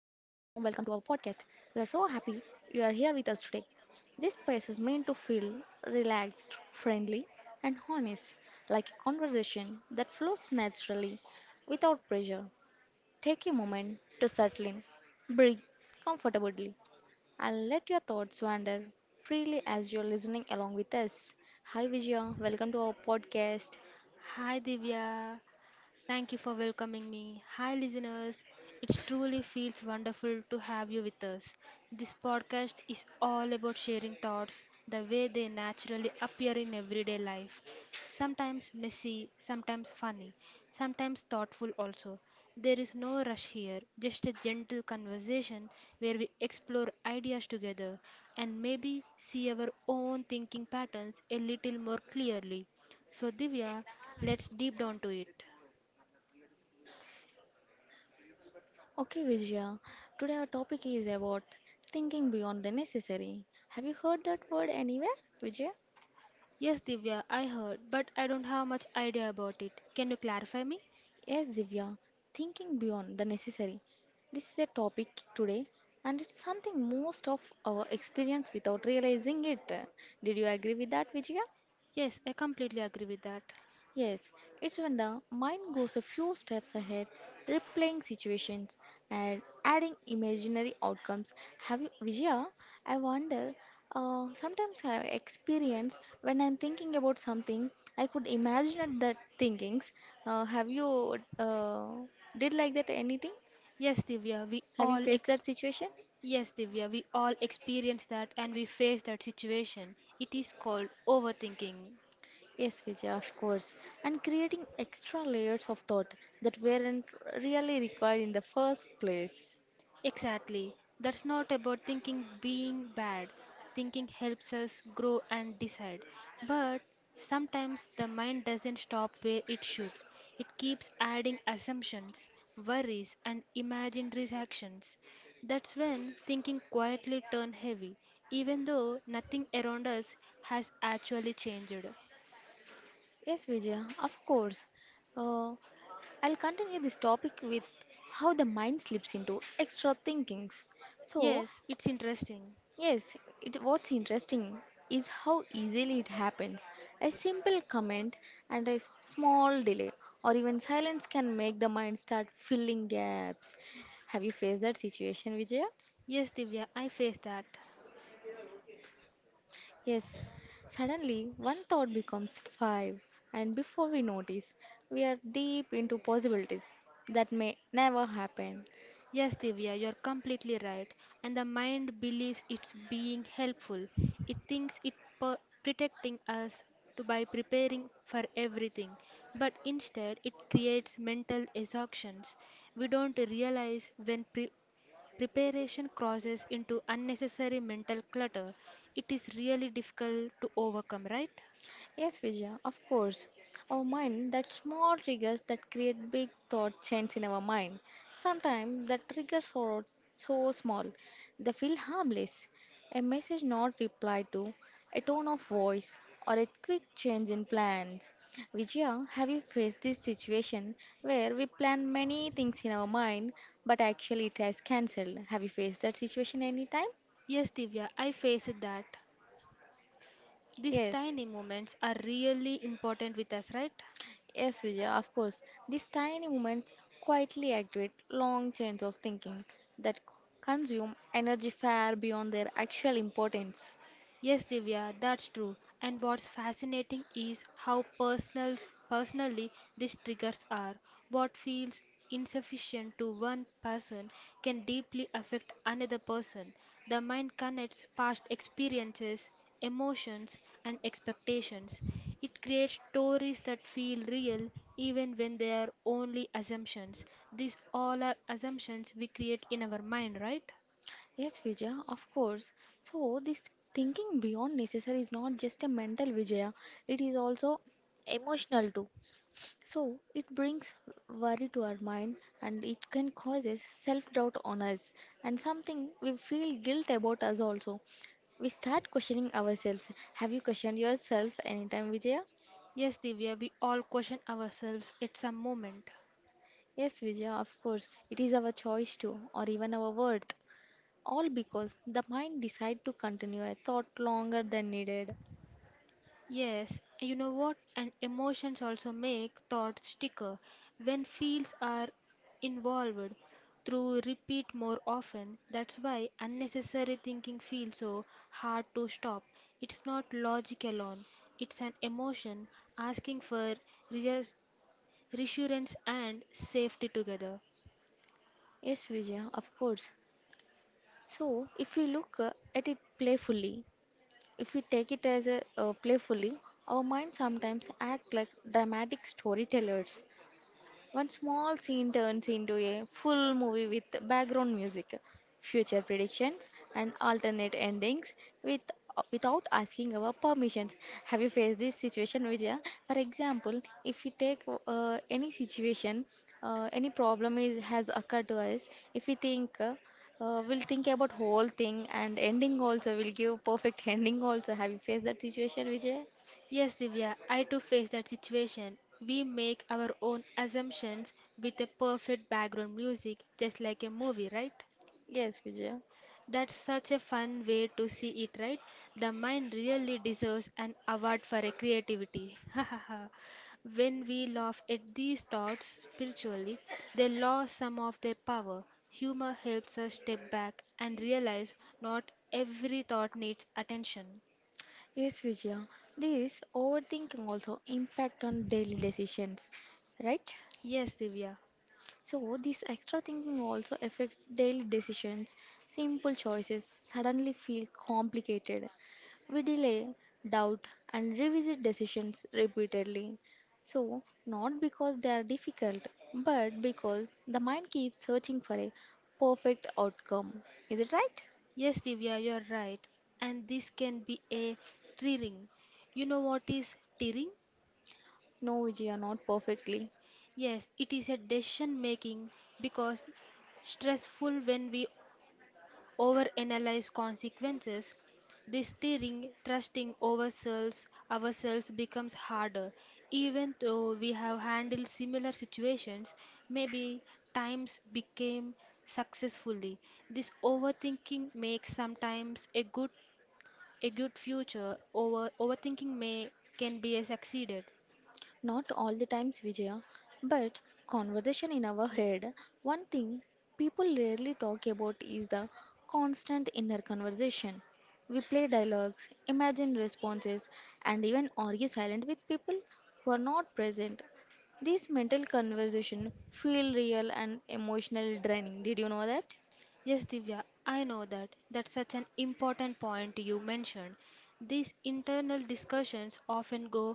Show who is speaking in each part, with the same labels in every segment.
Speaker 1: podcast. We are so happy you are here with us today. This space is meant to feel relaxed, friendly, and honest, like a conversation that flows naturally without pressure. Take a moment to settle in, breathe comfortably, and let your thoughts wander freely as you're listening along with us. Hi, Vijaya, welcome to our podcast.
Speaker 2: Hi Divya, thank you for welcoming me. Hi, listeners. It truly feels wonderful to have you with us. This podcast is all about sharing thoughts the way they naturally appear in everyday life. Sometimes messy, sometimes funny, sometimes thoughtful also. There is no rush here, just a gentle conversation where we explore ideas together and maybe see our own thinking patterns a little more clearly. So, Divya, let's deep down to it.
Speaker 1: Okay, Vijaya. Today our topic is about thinking beyond the necessary. Have you heard that word anywhere, Vijaya?
Speaker 2: Yes, Divya, I heard, but I don't have much idea about it. Can you clarify me?
Speaker 1: Yes, Divya. Thinking beyond the necessary. This is a topic today, and it's something most of our experience without realizing it. Did you agree with that, Vijaya?
Speaker 2: Yes, I completely agree with that.
Speaker 1: Yes, it's when the mind goes a few steps ahead, replaying situations and adding imaginary outcomes. Have you, Vijaya? I wonder. Sometimes I experience when I'm thinking about something, I could imagine that thinkings. Have you did like that anything?
Speaker 2: Yes, Divya, we
Speaker 1: Have you
Speaker 2: all
Speaker 1: faced
Speaker 2: ex
Speaker 1: that situation?
Speaker 2: Yes, Divya, we all experience that and we face that situation. It is called overthinking.
Speaker 1: Yes, Vijay, of course. And creating extra layers of thought that weren't really required in the first place.
Speaker 2: Exactly. That's not about thinking being bad. Thinking helps us grow and decide. But sometimes the mind doesn't stop where it should. It keeps adding assumptions, worries, and imagined reactions. That's when thinking quietly turns heavy, even though nothing around us has actually changed.
Speaker 1: Yes, Vijaya, of course. Uh, I'll continue this topic with how the mind slips into extra thinkings. So,
Speaker 2: Yes, it's interesting.
Speaker 1: yes, what's interesting is how easily it happens. A simple comment and a small delay or even silence can make the mind start filling gaps. Have you faced that situation, Vijaya?
Speaker 2: Yes, Divya, I face that.
Speaker 1: Yes, suddenly one thought becomes five, and before we notice, we are deep into possibilities that may never happen.
Speaker 2: Yes, Divya, you're completely right. And the mind believes it's being helpful. It thinks it protecting us to by preparing for everything. But instead, it creates mental exhaustions. We don't realize when preparation crosses into unnecessary mental clutter. It is really difficult to overcome, right?
Speaker 1: Yes, Vijaya, of course. Our mind, that small triggers that create big thought chains in our mind. Sometimes the triggers are so small, they feel harmless. A message not replied to, a tone of voice, or a quick change in plans. Vijaya, have you faced this situation where we plan many things in our mind, but actually it has cancelled? Have you faced that situation anytime?
Speaker 2: Yes, Divya, I faced that. These
Speaker 1: Yes.
Speaker 2: tiny moments are really important with us, right?
Speaker 1: Yes, Vijaya, of course. These tiny moments quietly activate long chains of thinking that consume energy far beyond their actual importance.
Speaker 2: Yes, Divya, that's true. And what's fascinating is how personally these triggers are. What feels insufficient to one person can deeply affect another person. The mind connects past experiences, emotions, and expectations. It creates stories that feel real even when they are only assumptions. These all are assumptions we create in our mind, right?
Speaker 1: Yes, Vijaya, of course. So, this thinking beyond necessary is not just a mental Vijaya, it is also emotional too. So it brings worry to our mind, and it can causes self-doubt on us, and something we feel guilt about us also. We start questioning ourselves. Have you questioned yourself anytime, Vijaya?
Speaker 2: Yes, Divya, we all question ourselves at some moment.
Speaker 1: Yes, Vijaya, of course. It is our choice too, or even our worth. All because the mind decide to continue a thought longer than needed.
Speaker 2: Yes, you know what? And emotions also make thoughts sticker. When feels are involved through repeat more often, that's why unnecessary thinking feels so hard to stop. It's not logic alone, it's an emotion asking for reas- reassurance and safety together.
Speaker 1: Yes, Vijaya, of course. So, if we look at it playfully, if we take it as a playfully, our minds sometimes act like dramatic storytellers. One small scene turns into a full movie with background music, future predictions, and alternate endings with without asking our permissions. Have you faced this situation, Vijaya? For example, if we take any situation, any problem is has occurred to us. If we think, we'll think about whole thing and ending also. Will give perfect ending also. Have you faced that situation, Vijaya?
Speaker 2: Yes, Divya, I too face that situation. We make our own assumptions with a perfect background music, just like a movie, right?
Speaker 1: Yes, Vijaya.
Speaker 2: That's such a fun way to see it, right? The mind really deserves an award for a creativity. When we laugh at these thoughts spiritually, they lose some of their power. Humor helps us step back and realize not every thought needs attention.
Speaker 1: Yes, Vijaya. This overthinking also impact on daily decisions, right?
Speaker 2: Yes, Divya.
Speaker 1: So this extra thinking also affects daily decisions. Simple choices suddenly feel complicated. We delay, doubt, and revisit decisions repeatedly. So not because they are difficult, but because the mind keeps searching for a perfect outcome. Is it right?
Speaker 2: Yes, Divya, you are right. And this can be a tearing. You know what is tearing?
Speaker 1: No, Vijaya, not perfectly.
Speaker 2: Yes, it is a decision making because stressful when we overanalyze consequences. This tearing, trusting ourselves becomes harder, even though we have handled similar situations, maybe times became successfully. This overthinking makes sometimes a good future over overthinking may can be a succeeded
Speaker 1: Not all the times, Vijaya, but conversation in our head. One thing people rarely talk about is the constant inner conversation. We play dialogues, imagine responses, and even argue silent with people who are not present. This mental conversation feel real and emotional draining. Did you know that?
Speaker 2: yes Divya I know that that's such an important point you mentioned. These internal discussions often go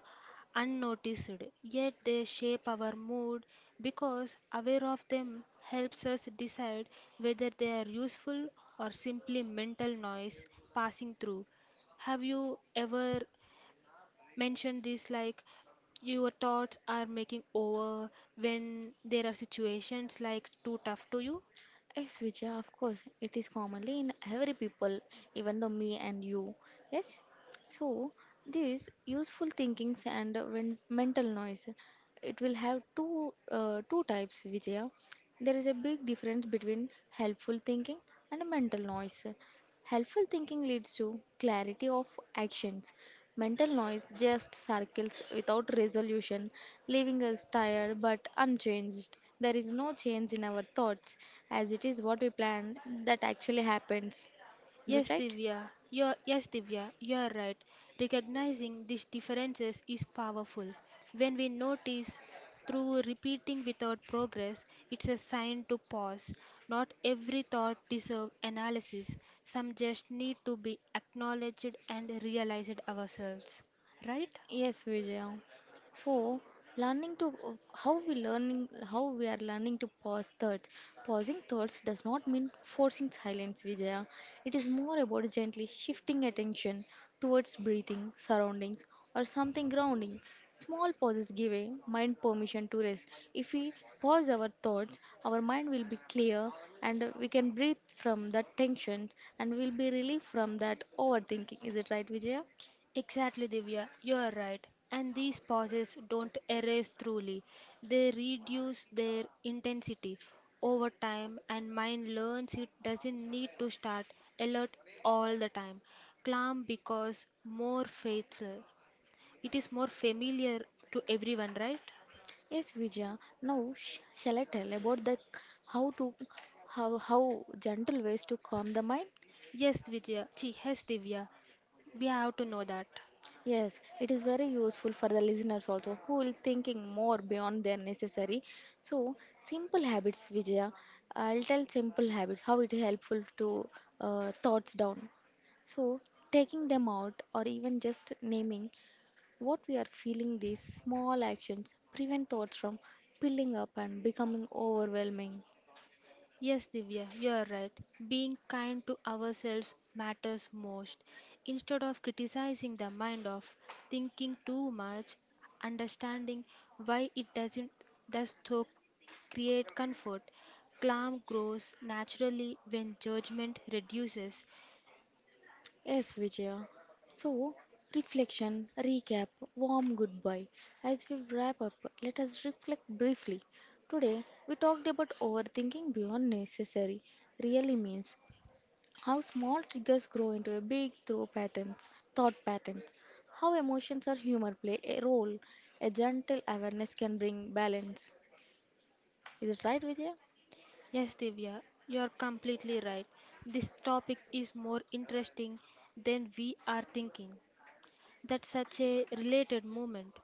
Speaker 2: unnoticed, yet they shape our mood, because aware of them helps us decide whether they are useful or simply mental noise passing through. Have you ever mentioned this like your thoughts are making over when there are situations like too tough to you.
Speaker 1: Yes, Vijaya, of course, it is commonly in every people, even though me and you. Yes, so this useful thinkings and when mental noise, it will have two types, Vijaya. There is a big difference between helpful thinking and mental noise. Helpful thinking leads to clarity of actions. Mental noise just circles without resolution, leaving us tired but unchanged. There is no change in our thoughts, as it is what we planned that actually happens. Is it
Speaker 2: Yes, Divya, you're right. Recognizing these differences is powerful. When we notice through repeating without progress, it's a sign to pause. Not every thought deserves analysis. Some just need to be acknowledged and realized ourselves.
Speaker 1: right?
Speaker 2: Right?
Speaker 1: Yes, Vijaya. So, learning to how we learning how we are learning to pause thoughts. Pausing thoughts does not mean forcing silence, Vijaya. It is more about gently shifting attention towards breathing, surroundings, or something grounding. Small pauses give a mind permission to rest. If we pause our thoughts, our mind will be clear, and we can breathe from that tensions, and we'll be relieved from that overthinking. Is it right, Vijaya?
Speaker 2: Exactly, Divya, you are right. And these pauses don't erase truly, they reduce their intensity over time, and mind learns it doesn't need to start alert all the time. Calm because more faithful. It is more familiar to everyone, right?
Speaker 1: Yes, Vijaya. Now, shall I tell about the how to how how gentle ways to calm the mind?
Speaker 2: Yes, Vijaya. Chi, yes, Divya. We have to know that.
Speaker 1: Yes, it is very useful for the listeners also who will thinking more beyond their necessary. So, simple habits, Vijaya. I'll tell simple habits how it is helpful to thoughts down. So, taking them out or even just naming what we are feeling, these small actions prevent thoughts from piling up and becoming overwhelming.
Speaker 2: Yes, Divya, you are right. Being kind to ourselves matters most. Instead of criticizing the mind of thinking too much, understanding why it doesn't does so create comfort. Calm grows naturally when judgment reduces.
Speaker 1: Yes, Vijaya. So, reflection, recap, warm goodbye. As we wrap up, let us reflect briefly. Today, we talked about overthinking beyond necessary really means how small triggers grow into a big thought patterns, thought patterns, how emotions or humor play a role, a gentle awareness can bring balance. Is it right, Vijaya?
Speaker 2: Yes, Divya, you are completely right. This topic is more interesting than we are thinking. That's such a related moment.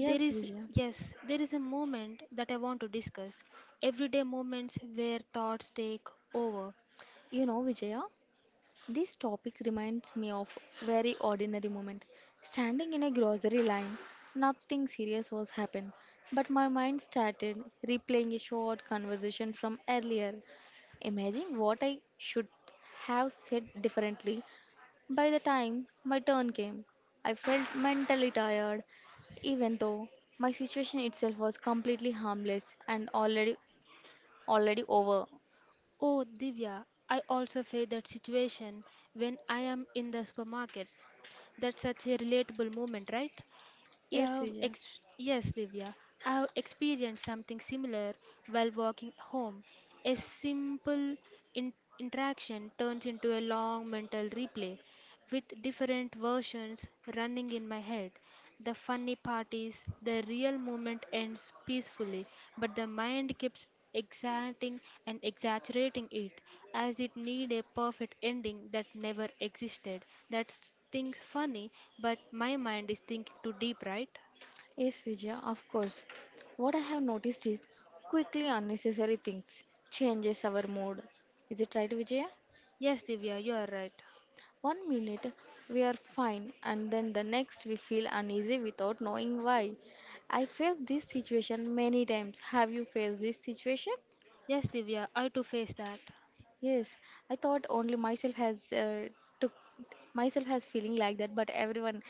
Speaker 2: There is,
Speaker 1: Vijaya.
Speaker 2: yes, there is a moment that I want to discuss. Everyday moments where thoughts take over.
Speaker 1: You know, Vijaya, this topic reminds me of very ordinary moment. Standing in a grocery line, nothing serious was happened, but my mind started replaying a short conversation from earlier, imagining what I should have said differently. By the time my turn came, I felt mentally tired, even though my situation itself was completely harmless and already over.
Speaker 2: Oh, Divya, I also face that situation when I am in the supermarket. That's such a relatable moment, right?
Speaker 1: Yes, Vijay.
Speaker 2: Yes, Divya, I have experienced something similar while walking home. A simple in- interaction turns into a long mental replay with different versions running in my head. The funny part is the real moment ends peacefully, but the mind keeps exaggerating and exaggerating it as it need a perfect ending that never existed. That's things funny, but my mind is thinking too deep, right?
Speaker 1: Yes, Vijaya, of course. What I have noticed is quickly unnecessary things changes our mood. Is it right, Vijaya?
Speaker 2: Yes, Divya, you are right.
Speaker 1: One minute we are fine, and then the next we feel uneasy without knowing why. I faced this situation many times. Have you faced this situation?
Speaker 2: Yes, Divya, I too face that.
Speaker 1: Yes, I thought only myself has took myself has feeling like that, but everyone,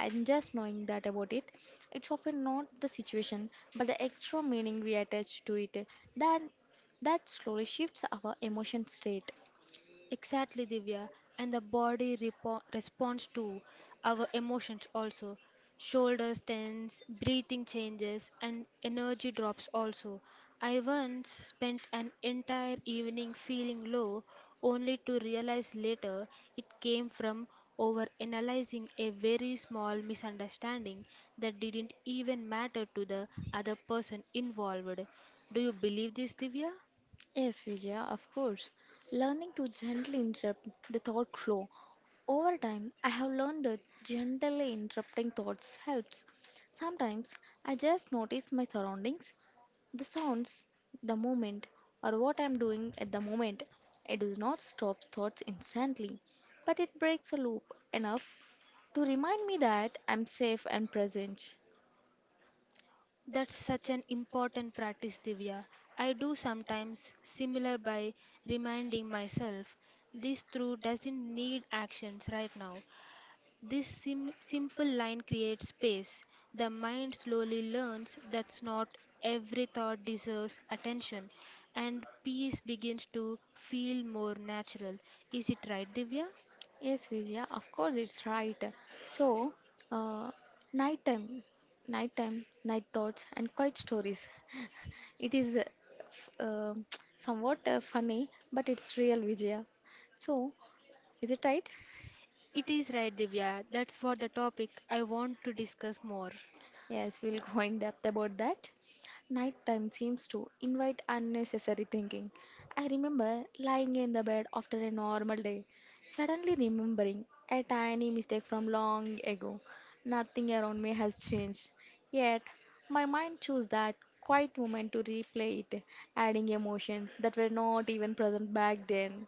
Speaker 1: I'm just knowing that about it. It's often not the situation, but the extra meaning we attach to it. That that slowly shifts our emotion state.
Speaker 2: Exactly, Divya. And the body responds to our emotions also. Shoulders tense, breathing changes, and energy drops also. I once spent an entire evening feeling low, only to realize later it came from overanalyzing a very small misunderstanding that didn't even matter to the other person involved. Do you believe this, Divya?
Speaker 1: Yes, Vijaya, of course. Learning to gently interrupt the thought flow. Over time, I have learned that gently interrupting thoughts helps. Sometimes I just notice my surroundings, the sounds, the moment, or what I'm doing at the moment. It does not stop thoughts instantly, but it breaks a loop enough to remind me that I'm safe and present.
Speaker 2: That's such an important practice, Divya. I do sometimes similar by reminding myself this through doesn't need actions right now. This simple line creates space. The mind slowly learns that's not every thought deserves attention, and peace begins to feel more natural. Is it right, Divya?
Speaker 1: Yes, Vijaya, of course it's right. So, uh, nighttime, night thoughts, and quiet stories. It is f- uh, somewhat funny, but it's real, Vijaya. So, is it right?
Speaker 2: It is right, Divya. That's for the topic I want to discuss more.
Speaker 1: Yes, we'll go in depth about that. Nighttime seems to invite unnecessary thinking. I remember lying in the bed after a normal day, suddenly remembering a tiny mistake from long ago. Nothing around me has changed, yet my mind chose that quiet moment to replay it, adding emotions that were not even present back then.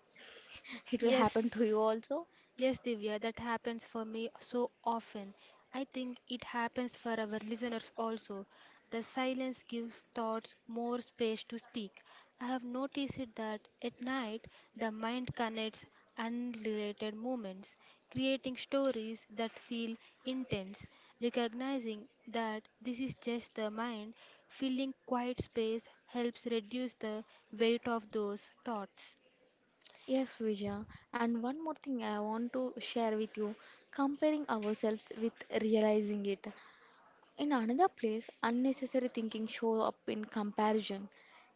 Speaker 1: It will happen
Speaker 2: Yes.
Speaker 1: to you also.
Speaker 2: Yes, Divya, that happens for me so often. I think it happens for our listeners also. The silence gives thoughts more space to speak. I have noticed it that at night the mind connects unrelated moments, creating stories that feel intense, recognizing that this is just the mind filling quiet space helps reduce the weight of those thoughts.
Speaker 1: Yes, Vijaya. And one more thing I want to share with you, comparing ourselves with realizing it. In another place, unnecessary thinking shows up in comparison.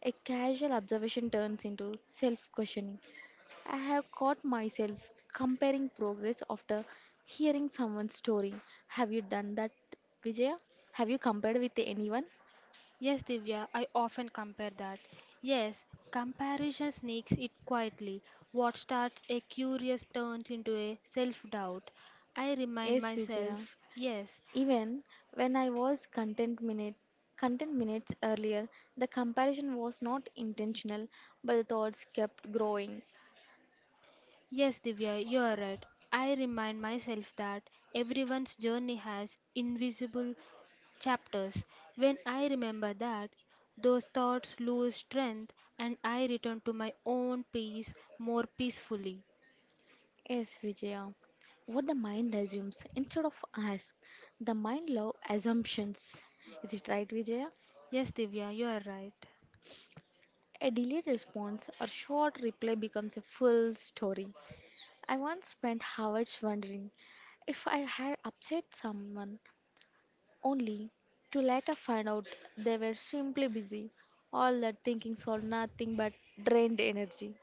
Speaker 1: A casual observation turns into self questioning. I have caught myself comparing progress after hearing someone's story. Have you done that, Vijaya? Have you compared with anyone?
Speaker 2: Yes, Divya, I often compare that. Yes, comparison sneaks it quietly. What starts a curious turns into a self doubt. I remind
Speaker 1: Yes, Vijaya.
Speaker 2: myself, yes,
Speaker 1: Even when I was content minutes earlier, the comparison was not intentional, but the thoughts kept growing.
Speaker 2: yes, Divya, you are right. I remind myself that everyone's journey has invisible chapters. When I remember that, those thoughts lose strength and I return to my own peace more peacefully.
Speaker 1: Yes, Vijaya. What the mind assumes instead of asks, the mind love assumptions. Is it right, Vijaya?
Speaker 2: Yes, Divya, you are right.
Speaker 1: A delayed response or short reply becomes a full story. I once spent hours wondering if I had upset someone only to later find out they were simply busy. All that thinking for nothing but drained energy.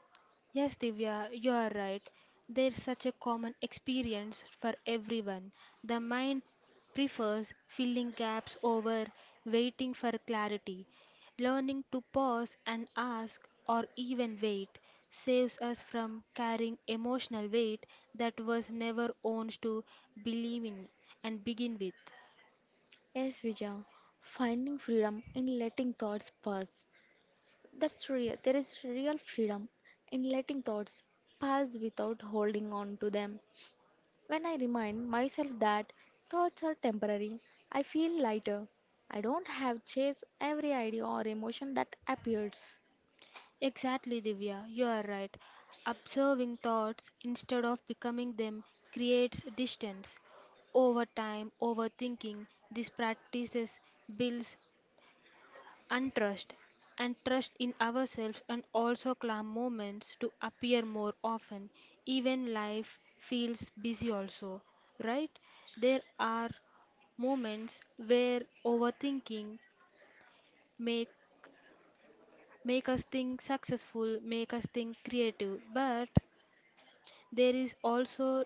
Speaker 2: Yes, Divya, you are right. There's such a common experience for everyone. The mind prefers filling gaps over waiting for clarity. Learning to pause and ask or even wait saves us from carrying emotional weight that was never ours to believe in and begin with.
Speaker 1: Yes, Vijay, finding freedom in letting thoughts pass. That's real. There is real freedom in letting thoughts pass without holding on to them. When I remind myself that thoughts are temporary, I feel lighter. I don't have chase every idea or emotion that appears.
Speaker 2: Exactly, Divya, you are right. Observing thoughts instead of becoming them creates distance. Over time, overthinking, these practices builds untrust and trust in ourselves and also calm moments to appear more often. Even life feels busy also, right? There are moments where overthinking make make us think successful make us think creative, but there is also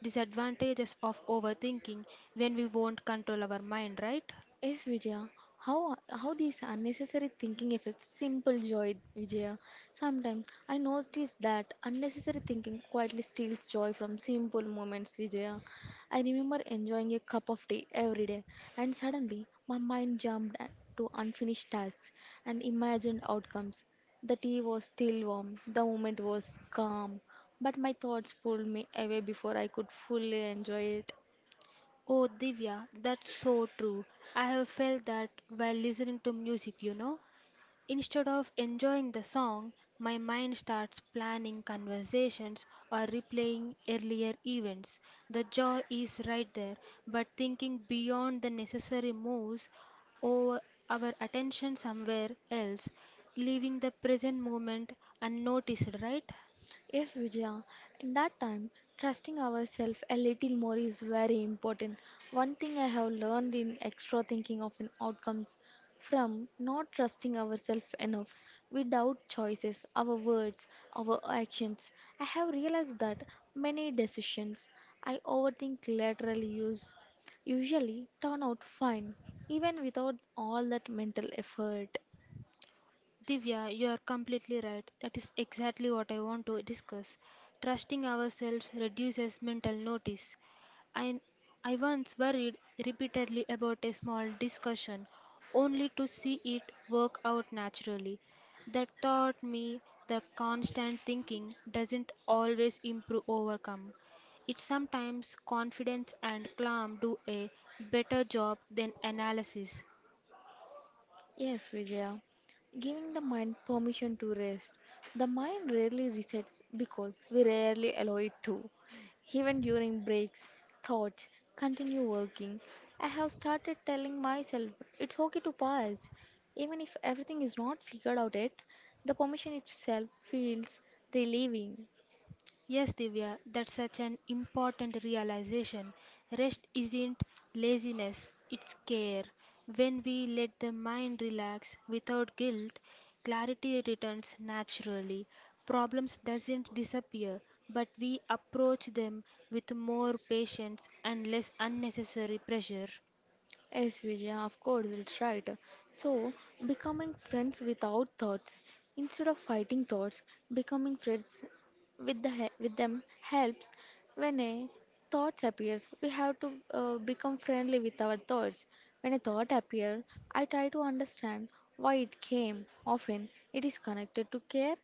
Speaker 2: disadvantages of overthinking when we won't control our mind, right?
Speaker 1: Yes, Vijaya. How these unnecessary thinking affects simple joy, Vijaya. Sometimes I notice that unnecessary thinking quietly steals joy from simple moments, Vijaya. I remember enjoying a cup of tea every day, and suddenly my mind jumped to unfinished tasks and imagined outcomes. The tea was still warm, the moment was calm, but my thoughts pulled me away before I could fully enjoy it.
Speaker 2: Oh, Divya, that's so true. I have felt that while listening to music, you know. Instead of enjoying the song, my mind starts planning conversations or replaying earlier events. The joy is right there, but thinking beyond the necessary moves over our attention somewhere else, leaving the present moment unnoticed, right?
Speaker 1: Yes, Vijaya. In that time, trusting ourselves a little more is very important. One thing I have learned in extra thinking of an outcomes from not trusting ourselves enough. We doubt choices, our words, our actions. I have realized that many decisions I overthink later use usually turn out fine, even without all that mental effort.
Speaker 2: Divya, you are completely right. That is exactly what I want to discuss. Trusting ourselves reduces mental notice. I, I once worried repeatedly about a small discussion only to see it work out naturally. That taught me the constant thinking doesn't always improve overcome. It sometimes confidence and calm do a better job than analysis.
Speaker 1: Yes, Vijaya. Giving the mind permission to rest. The mind rarely resets because we rarely allow it to. Even during breaks, thoughts continue working. I have started telling myself it's okay to pause. Even if everything is not figured out yet, the permission itself feels relieving.
Speaker 2: Yes, Divya, that's such an important realization. Rest isn't laziness, it's care. When we let the mind relax without guilt, clarity returns naturally. Problems doesn't disappear, but we approach them with more patience and less unnecessary pressure.
Speaker 1: Yes, Vijaya, of course, it's right. So, becoming friends without thoughts, instead of fighting thoughts, becoming friends with them helps. When a thought appears, we have to become friendly with our thoughts. When a thought appears, I try to understand why it came. Often, it is connected to care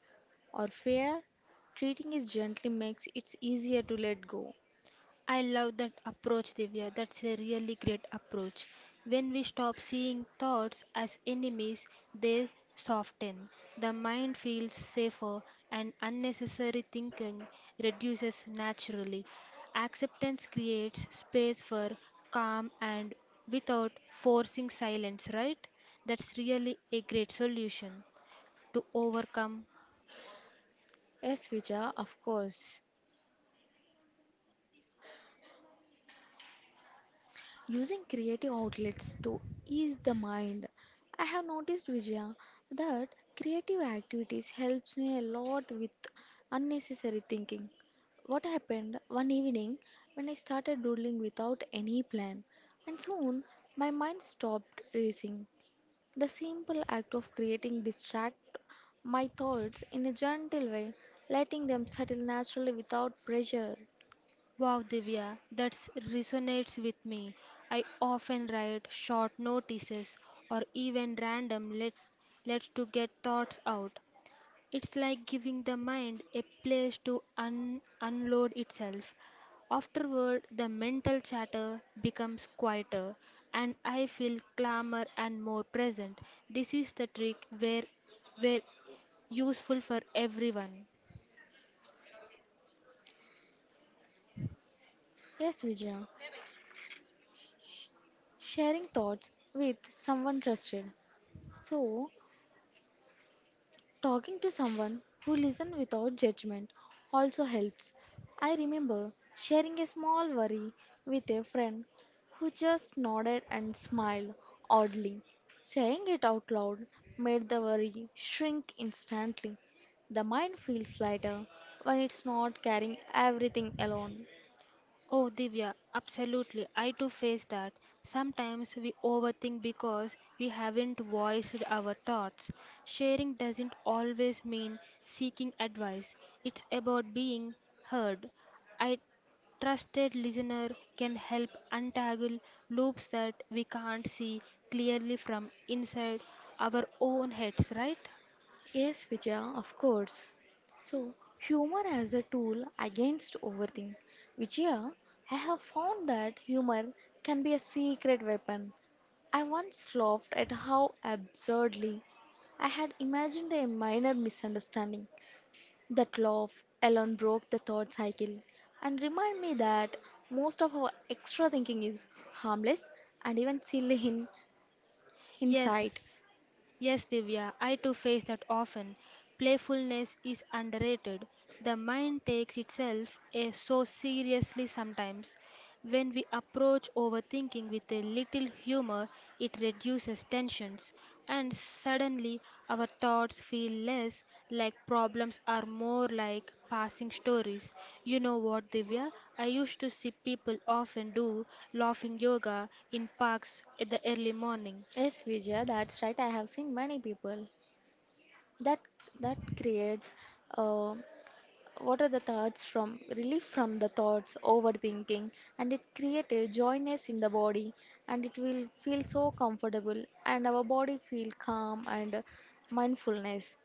Speaker 1: or fear. Treating it gently makes it easier to let go.
Speaker 2: I love that approach, Divya. That's a really great approach. When we stop seeing thoughts as enemies, they soften. The mind feels safer, and unnecessary thinking reduces naturally. Acceptance creates space for calm and without forcing silence, right? That's really a great solution to overcome.
Speaker 1: Yes, Vijaya, of course. Using creative outlets to ease the mind. I have noticed, Vijaya, that creative activities helps me a lot with unnecessary thinking. What happened one evening when I started doodling without any plan, and soon my mind stopped racing. The simple act of creating distract my thoughts in a gentle way, letting them settle naturally without pressure.
Speaker 2: Wow, Divya, that resonates with me. I often write short notices or even random lets to get thoughts out. It's like giving the mind a place to unload itself. Afterward, the mental chatter becomes quieter and I feel calmer and more present. This is the trick where useful for everyone.
Speaker 1: Yes, Vijaya. Sharing thoughts with someone trusted. So, talking to someone who listens without judgment also helps. I remember sharing a small worry with a friend who just nodded and smiled oddly. Saying it out loud made the worry shrink instantly. The mind feels lighter when it's not carrying everything alone.
Speaker 2: Oh, Divya, absolutely. I too face that. Sometimes we overthink because we haven't voiced our thoughts. Sharing doesn't always mean seeking advice, it's about being heard. A trusted listener can help untangle loops that we can't see clearly from inside our own heads, right?
Speaker 1: Yes, Vijaya, of course. So, humor as a tool against overthink. Vijaya, I have found that humor can be a secret weapon. I once laughed at how absurdly I had imagined a minor misunderstanding. That laugh alone broke the thought cycle and reminded me that most of our extra thinking is harmless and even silly in hindsight.
Speaker 2: Yes. Yes, Divya, I too face that often. Playfulness is underrated. The mind takes itself so seriously sometimes. When we approach overthinking with a little humor, it reduces tensions, and suddenly our thoughts feel less like problems are more like passing stories. You know what, Divya? I used to see people often do laughing yoga in parks at the early morning.
Speaker 1: Yes, Vijaya, that's right. I have seen many people that that creates uh, what are the thoughts from relief from the thoughts overthinking, and it create a joyness in the body, and it will feel so comfortable and our body feel calm and mindfulness.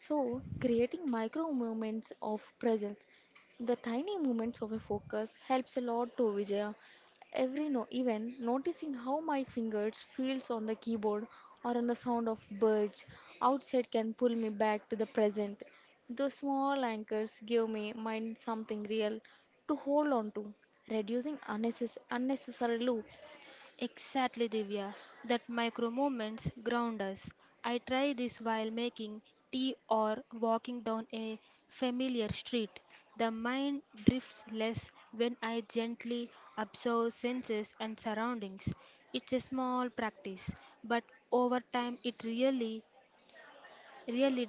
Speaker 1: So creating micro movements of presence, the tiny movements of a focus helps a lot to Vijaya. Every no even noticing how my fingers feels on the keyboard or on the sound of birds outside can pull me back to the present. Those small anchors give my mind something real to hold on to, reducing unnecessary loops.
Speaker 2: Exactly, Divya. That micro moments ground us. I try this while making tea or walking down a familiar street. The mind drifts less when I gently observe senses and surroundings. It's a small practice, but over time it really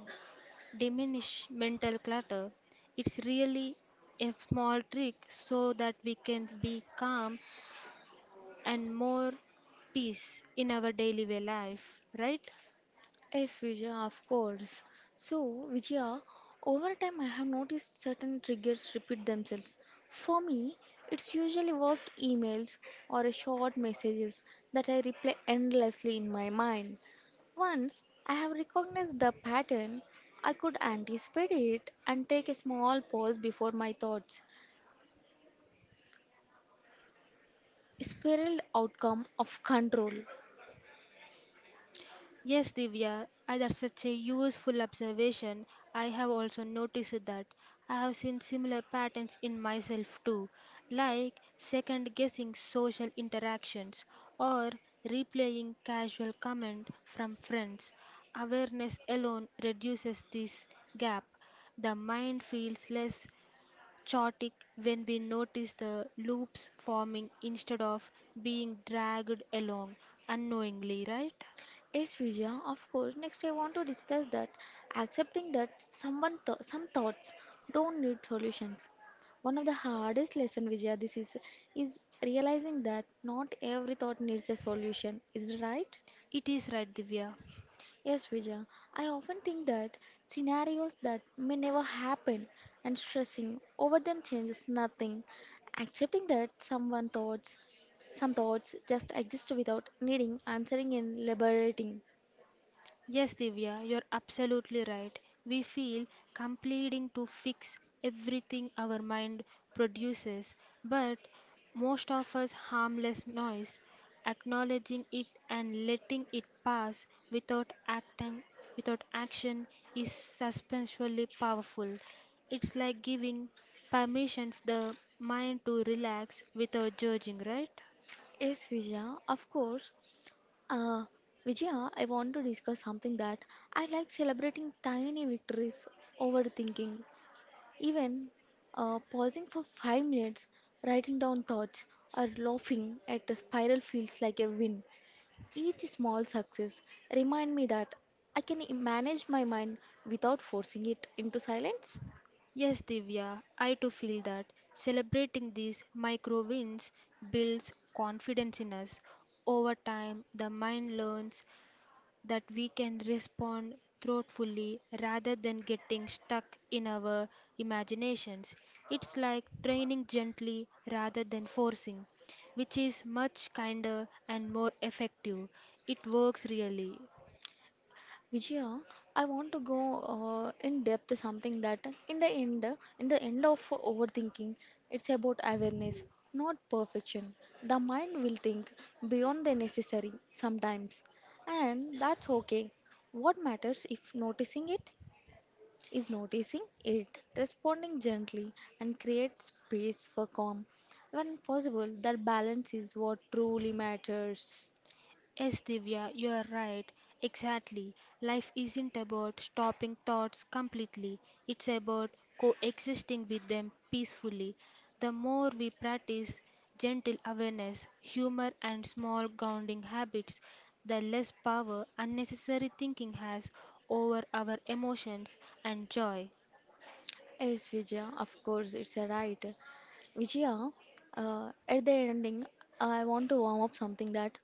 Speaker 2: diminish mental clutter. It's really a small trick so that we can be calm and more peace in our daily way life, right?
Speaker 1: Yes, Vijaya, of course. So, Vijaya, over time I have noticed certain triggers repeat themselves. For me, it's usually work emails or a short messages that I replay endlessly in my mind. Once I have recognized the pattern, I could anticipate it and take a small pause before my thoughts spiraled outcome of control.
Speaker 2: That's such a useful observation. I have also noticed that I have seen similar patterns in myself too, like second guessing social interactions or replaying casual comment from friends. Awareness alone reduces this gap. The mind feels less chaotic when we notice the loops forming instead of being dragged along unknowingly, right?
Speaker 1: Yes, Vijaya, of course. Next, I want to discuss that accepting that some thoughts don't need solutions. One of the hardest lesson, Vijaya, this is realizing that not every thought needs a solution. Is it right?
Speaker 2: It is right, Divya.
Speaker 1: Yes, Vijaya. I often think that scenarios that may never happen and stressing over them changes nothing. Accepting that some thoughts just exist without needing answering and liberating.
Speaker 2: Yes, Divya, you're absolutely right. We feel completing to fix everything our mind produces, but most of us harmless noise, acknowledging it and letting it pass without acting without action is substantially powerful. It's like giving permission for the mind to relax without judging, right?
Speaker 1: Yes, Vijaya, of course. Uh, Vijaya, I want to discuss something that I like celebrating tiny victories over thinking. Even pausing for 5 minutes, writing down thoughts, or laughing at a spiral feels like a win. Each small success remind me that I can manage my mind without forcing it into silence.
Speaker 2: Yes, Divya, I too feel that celebrating these micro wins builds confidence in us. Over time, the mind learns that we can respond thoughtfully rather than getting stuck in our imaginations. It's like training gently rather than forcing, which is much kinder and more effective. It works really.
Speaker 1: Vijaya, I want to go in depth something that in the end of overthinking, it's about awareness, not perfection. The mind will think beyond the necessary sometimes, and that's okay. What matters if noticing it is noticing it, responding gently, and create space for calm. When possible, that balance is what truly matters.
Speaker 2: Yes, Divya, you are right. Exactly. Life isn't about stopping thoughts completely, it's about coexisting with them peacefully. The more we practice gentle awareness, humor, and small grounding habits, the less power unnecessary thinking has over our emotions and joy.
Speaker 1: Yes, Vijaya, of course, it's a right. Vijaya, at the ending, I want to warm up something that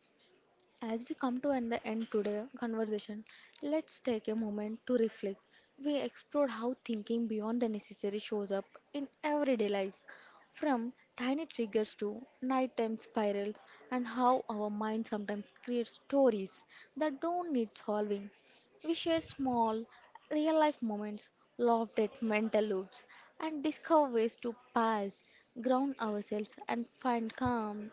Speaker 1: as we come to an the end today conversation, let's take a moment to reflect. We explored how thinking beyond the necessary shows up in everyday life, from tiny triggers to nighttime spirals, and how our mind sometimes creates stories that don't need solving. We shared small, real life moments, laughed at mental loops, and discovered ways to pause, ground ourselves, and find calm.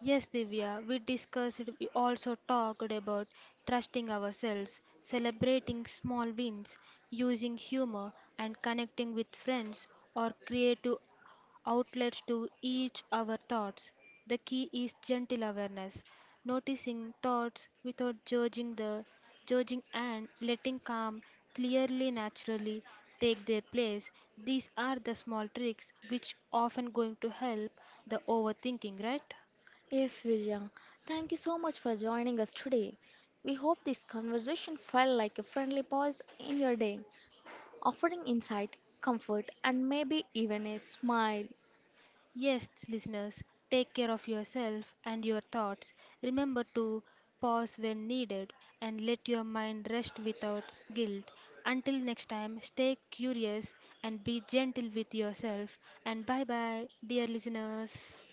Speaker 2: Yes, Divya, we discussed, we also talked about trusting ourselves, celebrating small wins, using humor, and connecting with friends or creative outlets to each our thoughts. The key is gentle awareness, noticing thoughts without judging the judging and letting calm clearly naturally take their place. These are the small tricks which often going to help the overthinking, right?
Speaker 1: Yes, Vijay. Thank you so much for joining us today. We hope this conversation felt like a friendly pause in your day, offering insight, comfort, and maybe even a smile.
Speaker 2: Yes, listeners, take care of yourself and your thoughts. Remember to pause when needed and let your mind rest without guilt. Until next time, stay curious and be gentle with yourself. And bye bye, dear listeners.